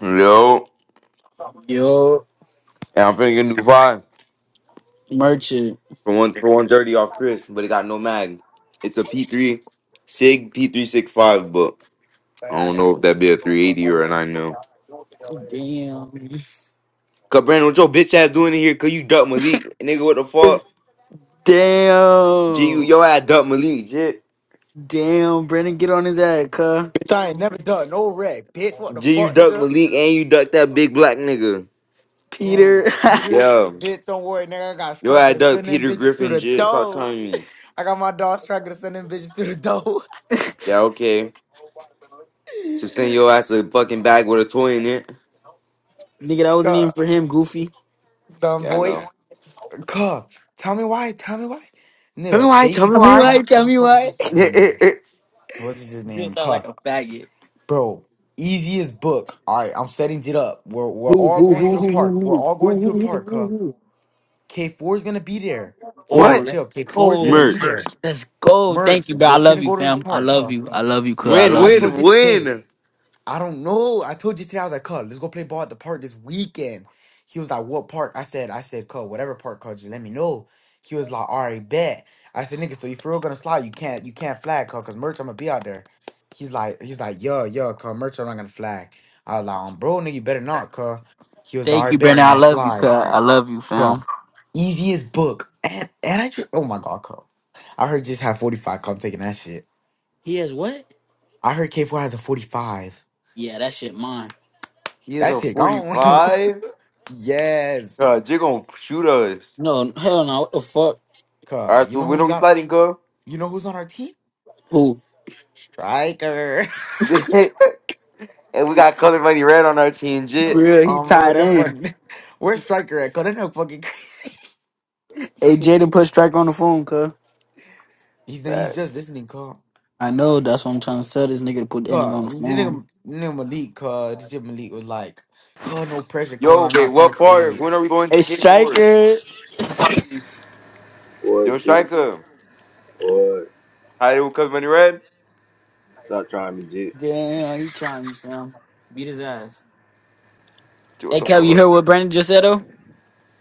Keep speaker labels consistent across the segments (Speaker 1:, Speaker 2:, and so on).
Speaker 1: Yo,
Speaker 2: Yo,
Speaker 1: and I'm finna get a new five
Speaker 2: merchant.
Speaker 1: for one for one thirty off Chris, but it got no mag. It's a P three Sig P three six five, but I don't know if that be a three eighty or a nine mil.
Speaker 2: Damn.
Speaker 1: Cause Brandon, what your bitch ass doing in here? Cause you duck Malik, nigga. What the fuck? G you
Speaker 2: Damn.
Speaker 1: your ass duck Malik, shit.
Speaker 2: Damn. Brandon, get on his ass, cuh.
Speaker 3: Bitch, I ain't never done no rap, bitch. What the
Speaker 1: G you
Speaker 3: fuck,
Speaker 1: duck
Speaker 3: nigga?
Speaker 1: Malik and you duck that big black nigga.
Speaker 2: Peter.
Speaker 3: Who? Peter,
Speaker 1: Yeah,
Speaker 3: bitch, don't worry, nigga. I got
Speaker 1: your
Speaker 3: striker
Speaker 1: ass
Speaker 3: to
Speaker 1: duck
Speaker 3: send them
Speaker 1: Peter
Speaker 3: bitches through
Speaker 1: Griffin,
Speaker 3: the
Speaker 1: shit. Stop
Speaker 3: door.
Speaker 1: telling me.
Speaker 3: I got my dog striker to send them bitches through the door.
Speaker 1: Yeah, okay. To send your ass a fucking bag with a toy in it.
Speaker 2: Nigga, that wasn't even
Speaker 3: God,
Speaker 2: for him, Goofy.
Speaker 3: dumb
Speaker 1: Yeah, I
Speaker 3: boy.
Speaker 1: know.
Speaker 3: God, tell me why. Tell me why.
Speaker 1: Tell me
Speaker 3: Nigga,
Speaker 1: why. Tell
Speaker 3: baby.
Speaker 1: me
Speaker 2: Tell
Speaker 3: Oh,
Speaker 2: me
Speaker 1: why.
Speaker 3: nah,
Speaker 2: why.
Speaker 3: what
Speaker 2: Tell
Speaker 3: the
Speaker 2: me
Speaker 3: fuck is
Speaker 2: why.
Speaker 3: this his name? What's his
Speaker 2: You
Speaker 3: name?
Speaker 2: sound like
Speaker 3: Cuff.
Speaker 2: a faggot.
Speaker 3: Bro, easiest book. All right, I'm setting it up. We're, we're
Speaker 2: Who,
Speaker 3: all
Speaker 2: who,
Speaker 3: going to
Speaker 2: who,
Speaker 3: the
Speaker 2: who, who,
Speaker 3: park.
Speaker 2: who,
Speaker 3: We're
Speaker 2: who,
Speaker 3: all going to
Speaker 2: who,
Speaker 3: the
Speaker 2: who,
Speaker 3: park,
Speaker 2: who,
Speaker 3: huh?
Speaker 2: who.
Speaker 3: K4 is going to be there.
Speaker 2: Oh,
Speaker 3: Chill,
Speaker 1: What?
Speaker 3: chill.
Speaker 2: let's
Speaker 3: K4 is going
Speaker 2: go.
Speaker 3: to be
Speaker 1: Merch.
Speaker 3: there.
Speaker 2: Let's go. Thank
Speaker 3: Merch,
Speaker 2: you, bro.
Speaker 3: we're
Speaker 2: I love
Speaker 3: finna
Speaker 2: you,
Speaker 3: go to the
Speaker 2: fam. I
Speaker 3: park,
Speaker 2: love
Speaker 3: huh?
Speaker 2: you. I love you, cuh. I
Speaker 1: Win,
Speaker 3: I
Speaker 2: love you.
Speaker 3: told
Speaker 1: win,
Speaker 3: you today.
Speaker 1: win.
Speaker 3: I don't know. I told you today. I was like, "Cuz, let's go play ball at the park this weekend." He was like, "What park?" I said, "I said, cuz, whatever park, cuz, just let me know." He was like, "All right, bet." I said, "Nigga, so you for real gonna slide? You can't, you can't flag, cuz, cuz merch, I'm gonna be out there." He's like, he's like, "Yo, yo, cuz, merch, I'm not gonna flag." I was like, um, "Bro, nigga, you better not, cuz." He was like, "All
Speaker 2: Thank
Speaker 3: right,
Speaker 2: you,
Speaker 3: bet, nigga, I'm
Speaker 2: Brandon. I
Speaker 3: gonna
Speaker 2: love you, cuh.
Speaker 3: slide,
Speaker 2: I love you,
Speaker 3: cuz."
Speaker 2: fam.
Speaker 3: Easy as book, and and I just, oh my god, cuz. I heard you just have 45. Come taking that shit.
Speaker 2: He has what?
Speaker 3: I heard K4 has a 45.
Speaker 2: Yeah, that shit mine.
Speaker 1: He is
Speaker 3: That
Speaker 1: a
Speaker 3: shit gone.
Speaker 1: 45.
Speaker 3: yes.
Speaker 1: God, you're gonna shoot us.
Speaker 2: No, hell no. What the fuck?
Speaker 1: All right,
Speaker 3: Cause you
Speaker 1: so
Speaker 3: know
Speaker 1: when
Speaker 3: who
Speaker 1: are we
Speaker 3: got
Speaker 1: sliding, girl?
Speaker 3: you know who's on our team?
Speaker 2: Who?
Speaker 3: Striker.
Speaker 1: and we got color money red on our team,
Speaker 2: For
Speaker 1: jits.
Speaker 2: real, he
Speaker 3: um bro,
Speaker 2: tied
Speaker 3: that
Speaker 2: in.
Speaker 3: fucking where's Striker at? Cause that nigga fucking
Speaker 2: Hey, Jaden, put Strike on the phone, cuz.
Speaker 3: He's he's
Speaker 1: Back.
Speaker 3: just listening, cuz.
Speaker 2: I know, that's what I'm trying to tell this nigga to put that nigga
Speaker 3: Cuz
Speaker 2: on the
Speaker 3: this
Speaker 2: phone.
Speaker 3: nigga, nigga Malik, cuz this shit Malik was like, cuz no pressure, cuz
Speaker 1: Yo,
Speaker 3: I'm
Speaker 1: wait,
Speaker 3: not trying to
Speaker 1: what
Speaker 3: fade
Speaker 1: park?
Speaker 3: it.
Speaker 1: When are we going
Speaker 2: Hey,
Speaker 1: to K4?
Speaker 2: Striker!
Speaker 1: Yo,
Speaker 4: What, dude?
Speaker 1: striker.
Speaker 4: What?
Speaker 1: Tied with color money red?
Speaker 4: Stop trying to be jit.
Speaker 2: Damn, he trying me, fam. Beat his ass.
Speaker 1: Two on
Speaker 2: Hey,
Speaker 1: the
Speaker 4: Stop
Speaker 2: Kev, you
Speaker 1: four.
Speaker 4: trying.
Speaker 2: heard what Brandon just said, though?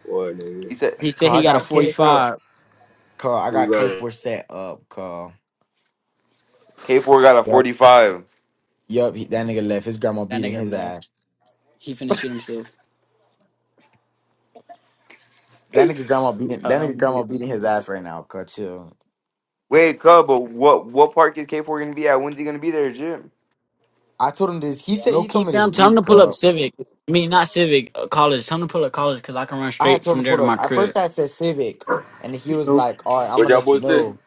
Speaker 4: What, nigga?
Speaker 1: He said
Speaker 2: He
Speaker 3: Cuz
Speaker 2: said he
Speaker 3: I
Speaker 2: got a
Speaker 3: got K4.
Speaker 2: 45.
Speaker 3: Cuz I
Speaker 4: Who
Speaker 3: got
Speaker 4: got it?
Speaker 3: K4 set up, cuz.
Speaker 1: K4 got a
Speaker 3: Yep.
Speaker 1: 45.
Speaker 3: Yep, he, that nigga left. His grandma
Speaker 2: That
Speaker 3: beating
Speaker 2: nigga
Speaker 3: his
Speaker 2: left.
Speaker 3: ass.
Speaker 2: He finna shit himself.
Speaker 3: That nigga grandma beating that nigga grandma
Speaker 2: Um,
Speaker 3: beating his ass right now, cuz chill.
Speaker 1: Wait, Cub, but what what park is K4 gonna be at? When's he gonna be there, Jim?
Speaker 3: I told him this. He said
Speaker 2: Low
Speaker 3: he
Speaker 2: key,
Speaker 3: told me this
Speaker 2: fam, tell him to
Speaker 3: week.
Speaker 2: pull up
Speaker 3: Uh,
Speaker 2: Civic. I mean, not Civic, uh, college. Tell him to pull up college, cuz I can run
Speaker 3: I had
Speaker 2: straight
Speaker 3: told
Speaker 2: from
Speaker 3: him to
Speaker 2: there to
Speaker 3: pull up.
Speaker 2: my
Speaker 3: At
Speaker 2: crib.
Speaker 3: first, I said Civic, and he was like, "All right, I'm
Speaker 4: What
Speaker 3: gonna
Speaker 4: y'all
Speaker 3: let you
Speaker 4: boys say?
Speaker 3: know."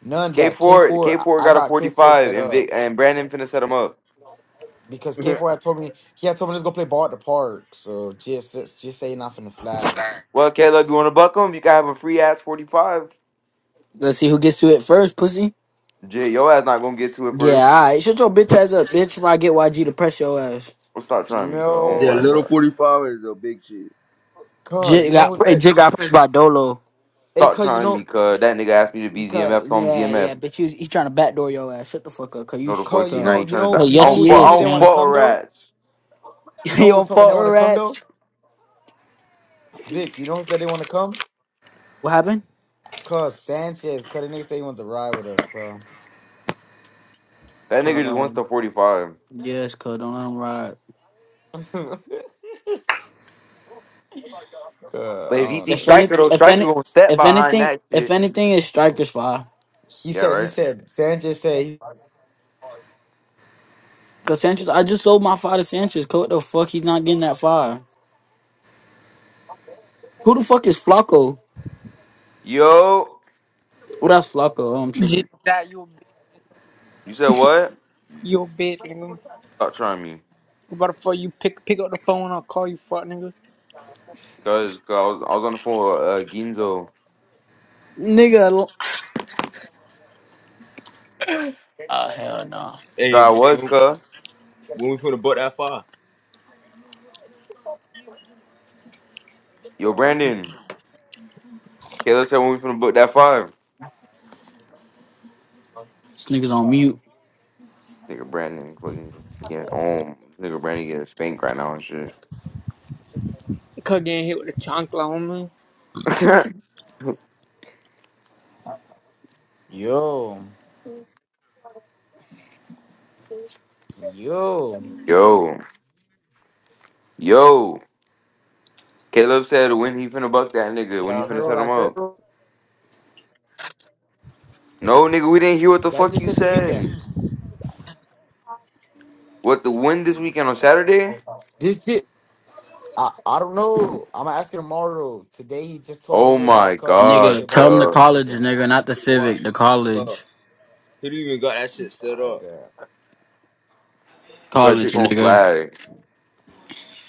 Speaker 3: None that K
Speaker 1: K4
Speaker 3: four. I
Speaker 1: K4
Speaker 3: I
Speaker 1: got a
Speaker 3: got K four
Speaker 1: 45
Speaker 3: set
Speaker 1: and
Speaker 3: up
Speaker 1: Vic and Brandon finna set him up.
Speaker 3: because K four had told me he had told me let's go play ball at the park. So just just just say nothing in the flag.
Speaker 1: Well, Caleb, you want to buck him? You can have a free ass 45.
Speaker 2: Let's see who gets to it first, pussy.
Speaker 1: Jay, your ass not going to get to it
Speaker 2: Yeah,
Speaker 1: first.
Speaker 2: alright. Shut your bitch ass up, bitch, if I get YG to press your ass.
Speaker 1: Well, stop trying me, cuz.
Speaker 4: Is
Speaker 1: Oh,
Speaker 4: it a
Speaker 1: my
Speaker 3: No,
Speaker 4: little
Speaker 1: God.
Speaker 4: 45 or is it a big shit?
Speaker 3: cuz
Speaker 2: Jit
Speaker 3: you know who
Speaker 2: got
Speaker 3: said?
Speaker 2: Jit got pissed by Dolo.
Speaker 3: Hey,
Speaker 1: Stop
Speaker 3: cuz you
Speaker 1: trying me,
Speaker 3: know,
Speaker 1: cuz. That nigga asked me to be
Speaker 2: Cause,
Speaker 1: ZMF, so I'm
Speaker 2: yeah, yeah,
Speaker 1: ZMF.
Speaker 2: bitch, he's, he's trying to backdoor your ass. Shut the fuck up, cause you.
Speaker 1: No, the
Speaker 2: Sh-
Speaker 1: fuck
Speaker 3: cuz you
Speaker 1: he. Now
Speaker 3: know,
Speaker 1: you
Speaker 2: cause,
Speaker 3: you
Speaker 1: trying to
Speaker 3: know,
Speaker 1: back.
Speaker 2: cause
Speaker 3: you
Speaker 1: I
Speaker 2: yes,
Speaker 3: know
Speaker 1: don't
Speaker 3: who
Speaker 2: he
Speaker 1: fuck, I
Speaker 3: told me
Speaker 2: is,
Speaker 3: they
Speaker 1: don't
Speaker 3: want to
Speaker 2: fam.
Speaker 1: fuck with
Speaker 3: come though?
Speaker 1: rats.
Speaker 3: You
Speaker 2: you
Speaker 3: know who
Speaker 2: don't
Speaker 3: told me they
Speaker 2: fault
Speaker 3: want
Speaker 2: her
Speaker 3: to come though?
Speaker 2: rats.
Speaker 3: Vic, you know who said they want to come?
Speaker 2: What happened?
Speaker 3: Cuz Sanchez, cuz the nigga say he wants to ride with us,
Speaker 1: That nigga just wants
Speaker 2: Cause
Speaker 1: the 45.
Speaker 2: yes, cause don't let him ride.
Speaker 3: cuz. God,
Speaker 1: But if he
Speaker 3: I don't
Speaker 1: see
Speaker 2: If
Speaker 3: know.
Speaker 2: any,
Speaker 1: Striker, though,
Speaker 2: if
Speaker 1: Striker
Speaker 2: any,
Speaker 1: going to step
Speaker 2: if
Speaker 1: behind
Speaker 2: anything,
Speaker 1: that
Speaker 2: if
Speaker 1: shit.
Speaker 2: anything, is strikers fire.
Speaker 3: He
Speaker 1: Yeah,
Speaker 3: said, he
Speaker 1: right?
Speaker 3: said, Sanjay said,
Speaker 2: Cause Sanchez, I just sold my fire to Sanchez. Cause what the fuck, he's not getting that fire. Who the fuck is Flacco?
Speaker 1: Yo.
Speaker 2: Oh, that's Flacco. Oh, I'm
Speaker 5: Just
Speaker 2: tripping.
Speaker 5: that you
Speaker 1: You said what?
Speaker 5: you bitch, nigga.
Speaker 1: Stop trying me.
Speaker 5: What the fuck you pick pick up the phone, I'll call you fuck nigga.
Speaker 1: Cuz, cuz I, was, I was on the phone with uh, Ginzo.
Speaker 2: Nigga, oh hell no.
Speaker 1: Cuz
Speaker 4: Hey,
Speaker 1: I
Speaker 2: This,
Speaker 1: was,
Speaker 4: when
Speaker 1: cuz.
Speaker 4: when we finna butt that far?
Speaker 1: Yo,
Speaker 4: Mm-hmm.
Speaker 1: Brandon. Caleb said when we finna book that five.
Speaker 2: this nigga's on mute.
Speaker 1: Nigga Brandon fucking get on. Nigga Brandon getting spanked right now and shit.
Speaker 5: Cause getting hit with a chancla, homie.
Speaker 3: yo, yo,
Speaker 1: yo, yo. Caleb said when he finna buck that nigga, when you
Speaker 3: y'all
Speaker 1: finna
Speaker 3: heard what
Speaker 1: set
Speaker 3: I
Speaker 1: him
Speaker 3: said?
Speaker 1: up. No, nigga, we didn't hear what the
Speaker 3: That
Speaker 1: fuck
Speaker 3: just
Speaker 1: you
Speaker 3: said this weekend.
Speaker 1: said. What the win
Speaker 3: Oh
Speaker 1: this
Speaker 3: my
Speaker 1: weekend on
Speaker 3: God.
Speaker 1: Saturday?
Speaker 3: This shit, I, I don't know. I'm gonna ask him tomorrow. Today he just told me,
Speaker 1: Oh
Speaker 3: he was
Speaker 1: my
Speaker 3: like, "Cuz, let's go
Speaker 1: gosh,
Speaker 3: play
Speaker 2: Nigga,
Speaker 3: ball
Speaker 2: tell
Speaker 3: at the
Speaker 2: them the
Speaker 1: cuz.
Speaker 3: park this
Speaker 2: college,
Speaker 3: weekend.
Speaker 2: nigga, not the
Speaker 4: Nigga, what?
Speaker 2: civic. The
Speaker 4: Huh.
Speaker 2: college.
Speaker 4: He didn't even got that shit set
Speaker 3: I
Speaker 4: up.
Speaker 3: bet.
Speaker 1: Cuz you
Speaker 2: College,
Speaker 1: gonna
Speaker 2: nigga.
Speaker 1: flag.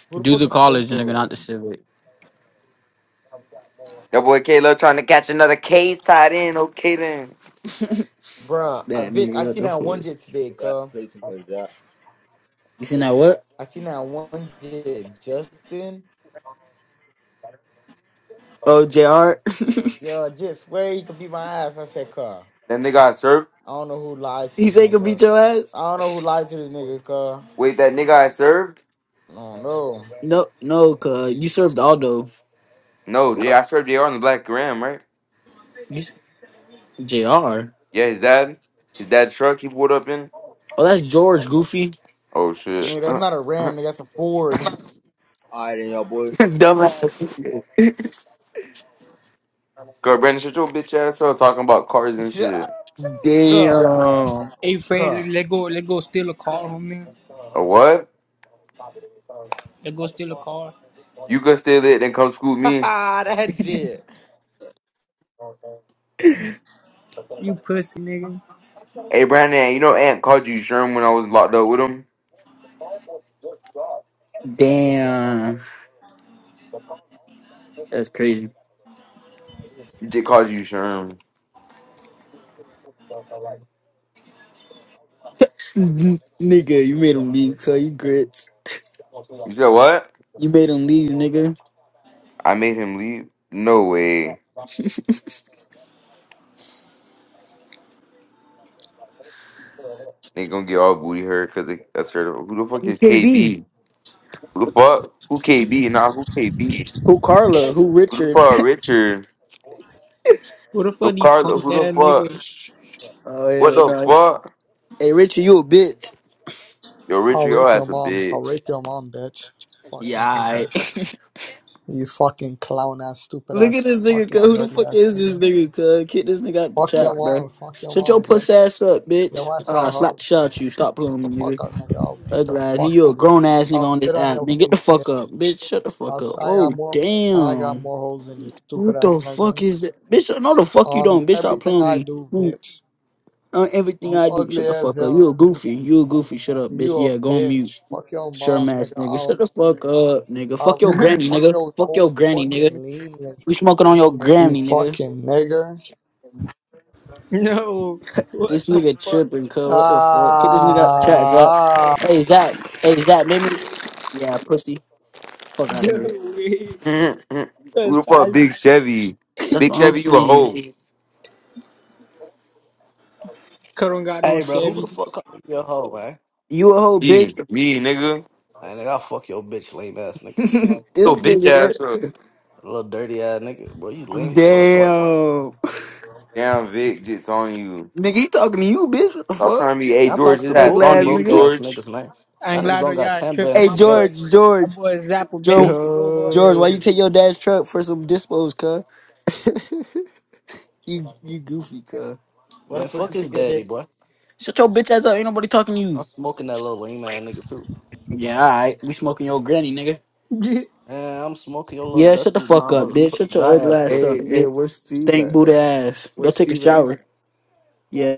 Speaker 3: Who the
Speaker 2: Do
Speaker 3: fuck
Speaker 2: the
Speaker 3: is
Speaker 2: college, nigga, not
Speaker 3: Flaco?
Speaker 2: the civic.
Speaker 1: That boy Caleb trying to catch another case tied in. Okay then.
Speaker 3: Bruh, I,
Speaker 2: That
Speaker 3: Vic,
Speaker 2: nigga,
Speaker 3: I
Speaker 2: what
Speaker 3: seen
Speaker 2: the fuck?
Speaker 3: that one jet today,
Speaker 4: I
Speaker 3: cuz.
Speaker 4: play too much,
Speaker 2: You seen that what?
Speaker 3: I seen that one jet, Justin.
Speaker 2: Oh, JR.
Speaker 3: Yo, just swear you could beat my ass. I said, cuz.
Speaker 1: That nigga I served.
Speaker 3: I don't know who lied to
Speaker 2: He
Speaker 3: this
Speaker 2: say he can
Speaker 3: nigga.
Speaker 2: beat your ass?
Speaker 3: I don't know who lied to this nigga, cuz.
Speaker 1: Wait, that nigga I served?
Speaker 3: I don't know.
Speaker 2: No, no, cuz you served Aldo.
Speaker 1: No, J I served JR on the black gram, right?
Speaker 2: You, s- JR.
Speaker 1: Yeah, his dad. His dad's truck he pulled up in.
Speaker 2: Oh, that's George, Goofy.
Speaker 1: Oh shit.
Speaker 3: Nigga, that's not a Ram, nigga. That's a Ford.
Speaker 4: Alright, then, y'all boys.
Speaker 2: Dumbass.
Speaker 1: Girl, Brandon, shut your bitch ass up talking about cars and shit.
Speaker 3: Cuh.
Speaker 2: Damn.
Speaker 5: Hey Fred,
Speaker 3: Cuh.
Speaker 5: let go let go steal a car, homie.
Speaker 1: A what?
Speaker 5: Let go steal a car.
Speaker 1: You could steal it, and come scoop me.
Speaker 3: that's it.
Speaker 5: You pussy nigga.
Speaker 1: Hey, Brandon, you know Ant called you Sherm when I was locked up with him?
Speaker 2: Damn. That's crazy.
Speaker 1: He did call you Sherm.
Speaker 2: Mhm. Nigga, you made him leave, cuz you grits.
Speaker 1: You said what?
Speaker 2: You made him leave, nigga.
Speaker 1: I made him leave? No way. They gonna get all booty hurt because that's her. Who the fuck
Speaker 2: Who
Speaker 1: is
Speaker 2: KB?
Speaker 1: KB? Who the fuck? Who KB? Nah, who KB?
Speaker 2: Who Carla? Who
Speaker 1: Who the
Speaker 2: Richard?
Speaker 1: fuck, Richard?
Speaker 5: What the
Speaker 1: The
Speaker 5: fuck these punk
Speaker 1: Carla, who the
Speaker 5: ass
Speaker 1: fuck?
Speaker 5: nigga?
Speaker 1: Sh-
Speaker 2: oh
Speaker 1: What
Speaker 2: hell
Speaker 1: the
Speaker 2: no.
Speaker 1: fuck?
Speaker 2: Hey Richard, you a bitch.
Speaker 1: Yo, Richard,
Speaker 6: I'll
Speaker 1: your
Speaker 6: rape your
Speaker 1: ass a
Speaker 6: mom. I'll
Speaker 1: bitch.
Speaker 6: rape your mom, bitch. Fucking
Speaker 2: Yeah.
Speaker 6: dickhead.
Speaker 2: alright.
Speaker 6: You fucking clown ass, stupid
Speaker 2: Look at
Speaker 6: ass,
Speaker 2: this nigga.
Speaker 6: fucking
Speaker 2: cuz. Who the
Speaker 6: dirty
Speaker 2: fuck
Speaker 6: ass
Speaker 2: is this
Speaker 6: nigga.
Speaker 2: nigga? Cuz get this nigga out the
Speaker 6: Fuck your
Speaker 2: chat, bro.
Speaker 6: mom. Fuck your
Speaker 2: Shut your
Speaker 6: mom,
Speaker 2: puss
Speaker 6: bitch.
Speaker 2: ass up, bitch.
Speaker 6: Your ass a
Speaker 2: Ah, slap
Speaker 6: hoe.
Speaker 2: the shot at you. Stop
Speaker 6: Shut the
Speaker 2: playing me, nigga.
Speaker 6: fuck up, nigga. I'll beat the
Speaker 2: Ugly ass. nigga.
Speaker 6: fuck
Speaker 2: You a
Speaker 6: out of you.
Speaker 2: grown ass nigga
Speaker 6: I'll
Speaker 2: on
Speaker 6: spit
Speaker 2: this
Speaker 6: on
Speaker 2: app.
Speaker 6: your
Speaker 2: Nigga, get the
Speaker 6: face,
Speaker 2: fuck
Speaker 6: bitch.
Speaker 2: up, bitch. Shut the
Speaker 6: I'll
Speaker 2: fuck up.
Speaker 6: say got
Speaker 2: Oh
Speaker 6: more. I got
Speaker 2: damn.
Speaker 6: more hoes than you, stupid
Speaker 2: Who
Speaker 6: ass
Speaker 2: the
Speaker 6: nigga.
Speaker 2: fuck is that? Bitch, no the fuck you
Speaker 6: Um,
Speaker 2: don't. Bitch, stop
Speaker 6: everything I
Speaker 2: playing
Speaker 6: do,
Speaker 2: me.
Speaker 6: bitch.
Speaker 2: on everything
Speaker 6: You
Speaker 2: I do.
Speaker 6: ugly
Speaker 2: Shut the
Speaker 6: as
Speaker 2: fuck up.
Speaker 6: hell.
Speaker 2: You a goofy. You a goofy. Shut up, bitch.
Speaker 6: You a
Speaker 2: Yeah, go on mute.
Speaker 6: bitch. Fuck your
Speaker 2: Sure
Speaker 6: mom,
Speaker 2: ass
Speaker 6: nigga.
Speaker 2: nigga. Shut
Speaker 6: I'll.
Speaker 2: the fuck up, nigga. Fuck
Speaker 6: I'll
Speaker 2: your granny,
Speaker 6: fuck
Speaker 2: nigga.
Speaker 6: your
Speaker 2: Fuck
Speaker 6: whole
Speaker 2: your granny, nigga.
Speaker 6: fucking lean.
Speaker 2: We smoking on your
Speaker 6: You
Speaker 2: granny, nigga.
Speaker 6: fucking nigger.
Speaker 5: No. What
Speaker 2: This
Speaker 5: the
Speaker 2: nigga
Speaker 5: fuck?
Speaker 2: tripping, cuz. What the fuck? Get this nigga out the chat, Zach.
Speaker 6: Ah.
Speaker 2: Hey, Zach. Hey, Zach. make me. Yeah, pussy. Fuck out of here.
Speaker 5: No way.
Speaker 1: Mm-mm. Who
Speaker 5: Cause
Speaker 1: the fuck,
Speaker 5: I
Speaker 1: Big Chevy?
Speaker 2: That's
Speaker 1: Big
Speaker 2: what I'm
Speaker 1: Chevy, you a
Speaker 2: saying.
Speaker 1: hoe.
Speaker 5: cause I don't got no
Speaker 7: Hey, bro, who the
Speaker 5: Chevy.
Speaker 7: fuck calling me a hoe, man?
Speaker 2: You a whole
Speaker 1: Yeah,
Speaker 2: bitch.
Speaker 1: me, nigga.
Speaker 7: Hey, nigga, I'll fuck your bitch, lame ass nigga.
Speaker 1: So
Speaker 2: this
Speaker 1: bitch
Speaker 2: nigga, right?
Speaker 1: ass up.
Speaker 7: A little dirty ass nigga. Bro, you lame as fuck, boy.
Speaker 2: Damn.
Speaker 1: Damn, Vic, just on you.
Speaker 2: Nigga, he talking to you, bitch. What the
Speaker 1: Stop
Speaker 2: fuck?
Speaker 1: trying to be, hey,
Speaker 7: And I'm
Speaker 1: George,
Speaker 7: talking
Speaker 1: is
Speaker 7: to
Speaker 1: that
Speaker 2: Ugly
Speaker 7: both you
Speaker 1: talking to
Speaker 2: ass
Speaker 1: you,
Speaker 7: broke
Speaker 2: nigga.
Speaker 7: ass
Speaker 1: George?
Speaker 7: niggas, man.
Speaker 5: I ain't
Speaker 7: Y'all niggas
Speaker 5: glad
Speaker 7: don't
Speaker 5: that
Speaker 7: got
Speaker 5: y'all
Speaker 7: 10
Speaker 5: tripping
Speaker 7: bands
Speaker 2: Hey,
Speaker 5: my
Speaker 7: together.
Speaker 5: boy.
Speaker 2: George, George.
Speaker 5: That boy Zappa
Speaker 2: Joe,
Speaker 5: Benny shit over on
Speaker 2: George,
Speaker 5: that
Speaker 2: why you
Speaker 8: Yo.
Speaker 2: take your dad's truck for some dispos, cuz? You you goofy, cuz. Why the
Speaker 7: Man,
Speaker 2: fuck
Speaker 7: fuck
Speaker 2: you
Speaker 7: his
Speaker 2: take your
Speaker 7: daddy,
Speaker 2: dad?
Speaker 7: boy.
Speaker 2: Shut your bitch ass up. Ain't nobody talking to
Speaker 7: I'm
Speaker 2: you.
Speaker 7: smoking that little lame ass nigga, too.
Speaker 2: Yeah, alright. We smoking your granny, nigga.
Speaker 5: road.
Speaker 7: Man, I'm smoking your little
Speaker 2: Yeah, shut the
Speaker 7: dusty
Speaker 2: fuck up,
Speaker 7: mama
Speaker 2: bitch. Shut
Speaker 7: dry
Speaker 2: your ugly
Speaker 7: ass
Speaker 2: ass up,
Speaker 7: pussy.
Speaker 8: hey, hey,
Speaker 2: bitch.
Speaker 8: where's Steve
Speaker 2: Stink
Speaker 8: at?
Speaker 2: booty ass. Go
Speaker 8: Where's
Speaker 2: take a
Speaker 8: Steve at?
Speaker 2: shower. Yeah.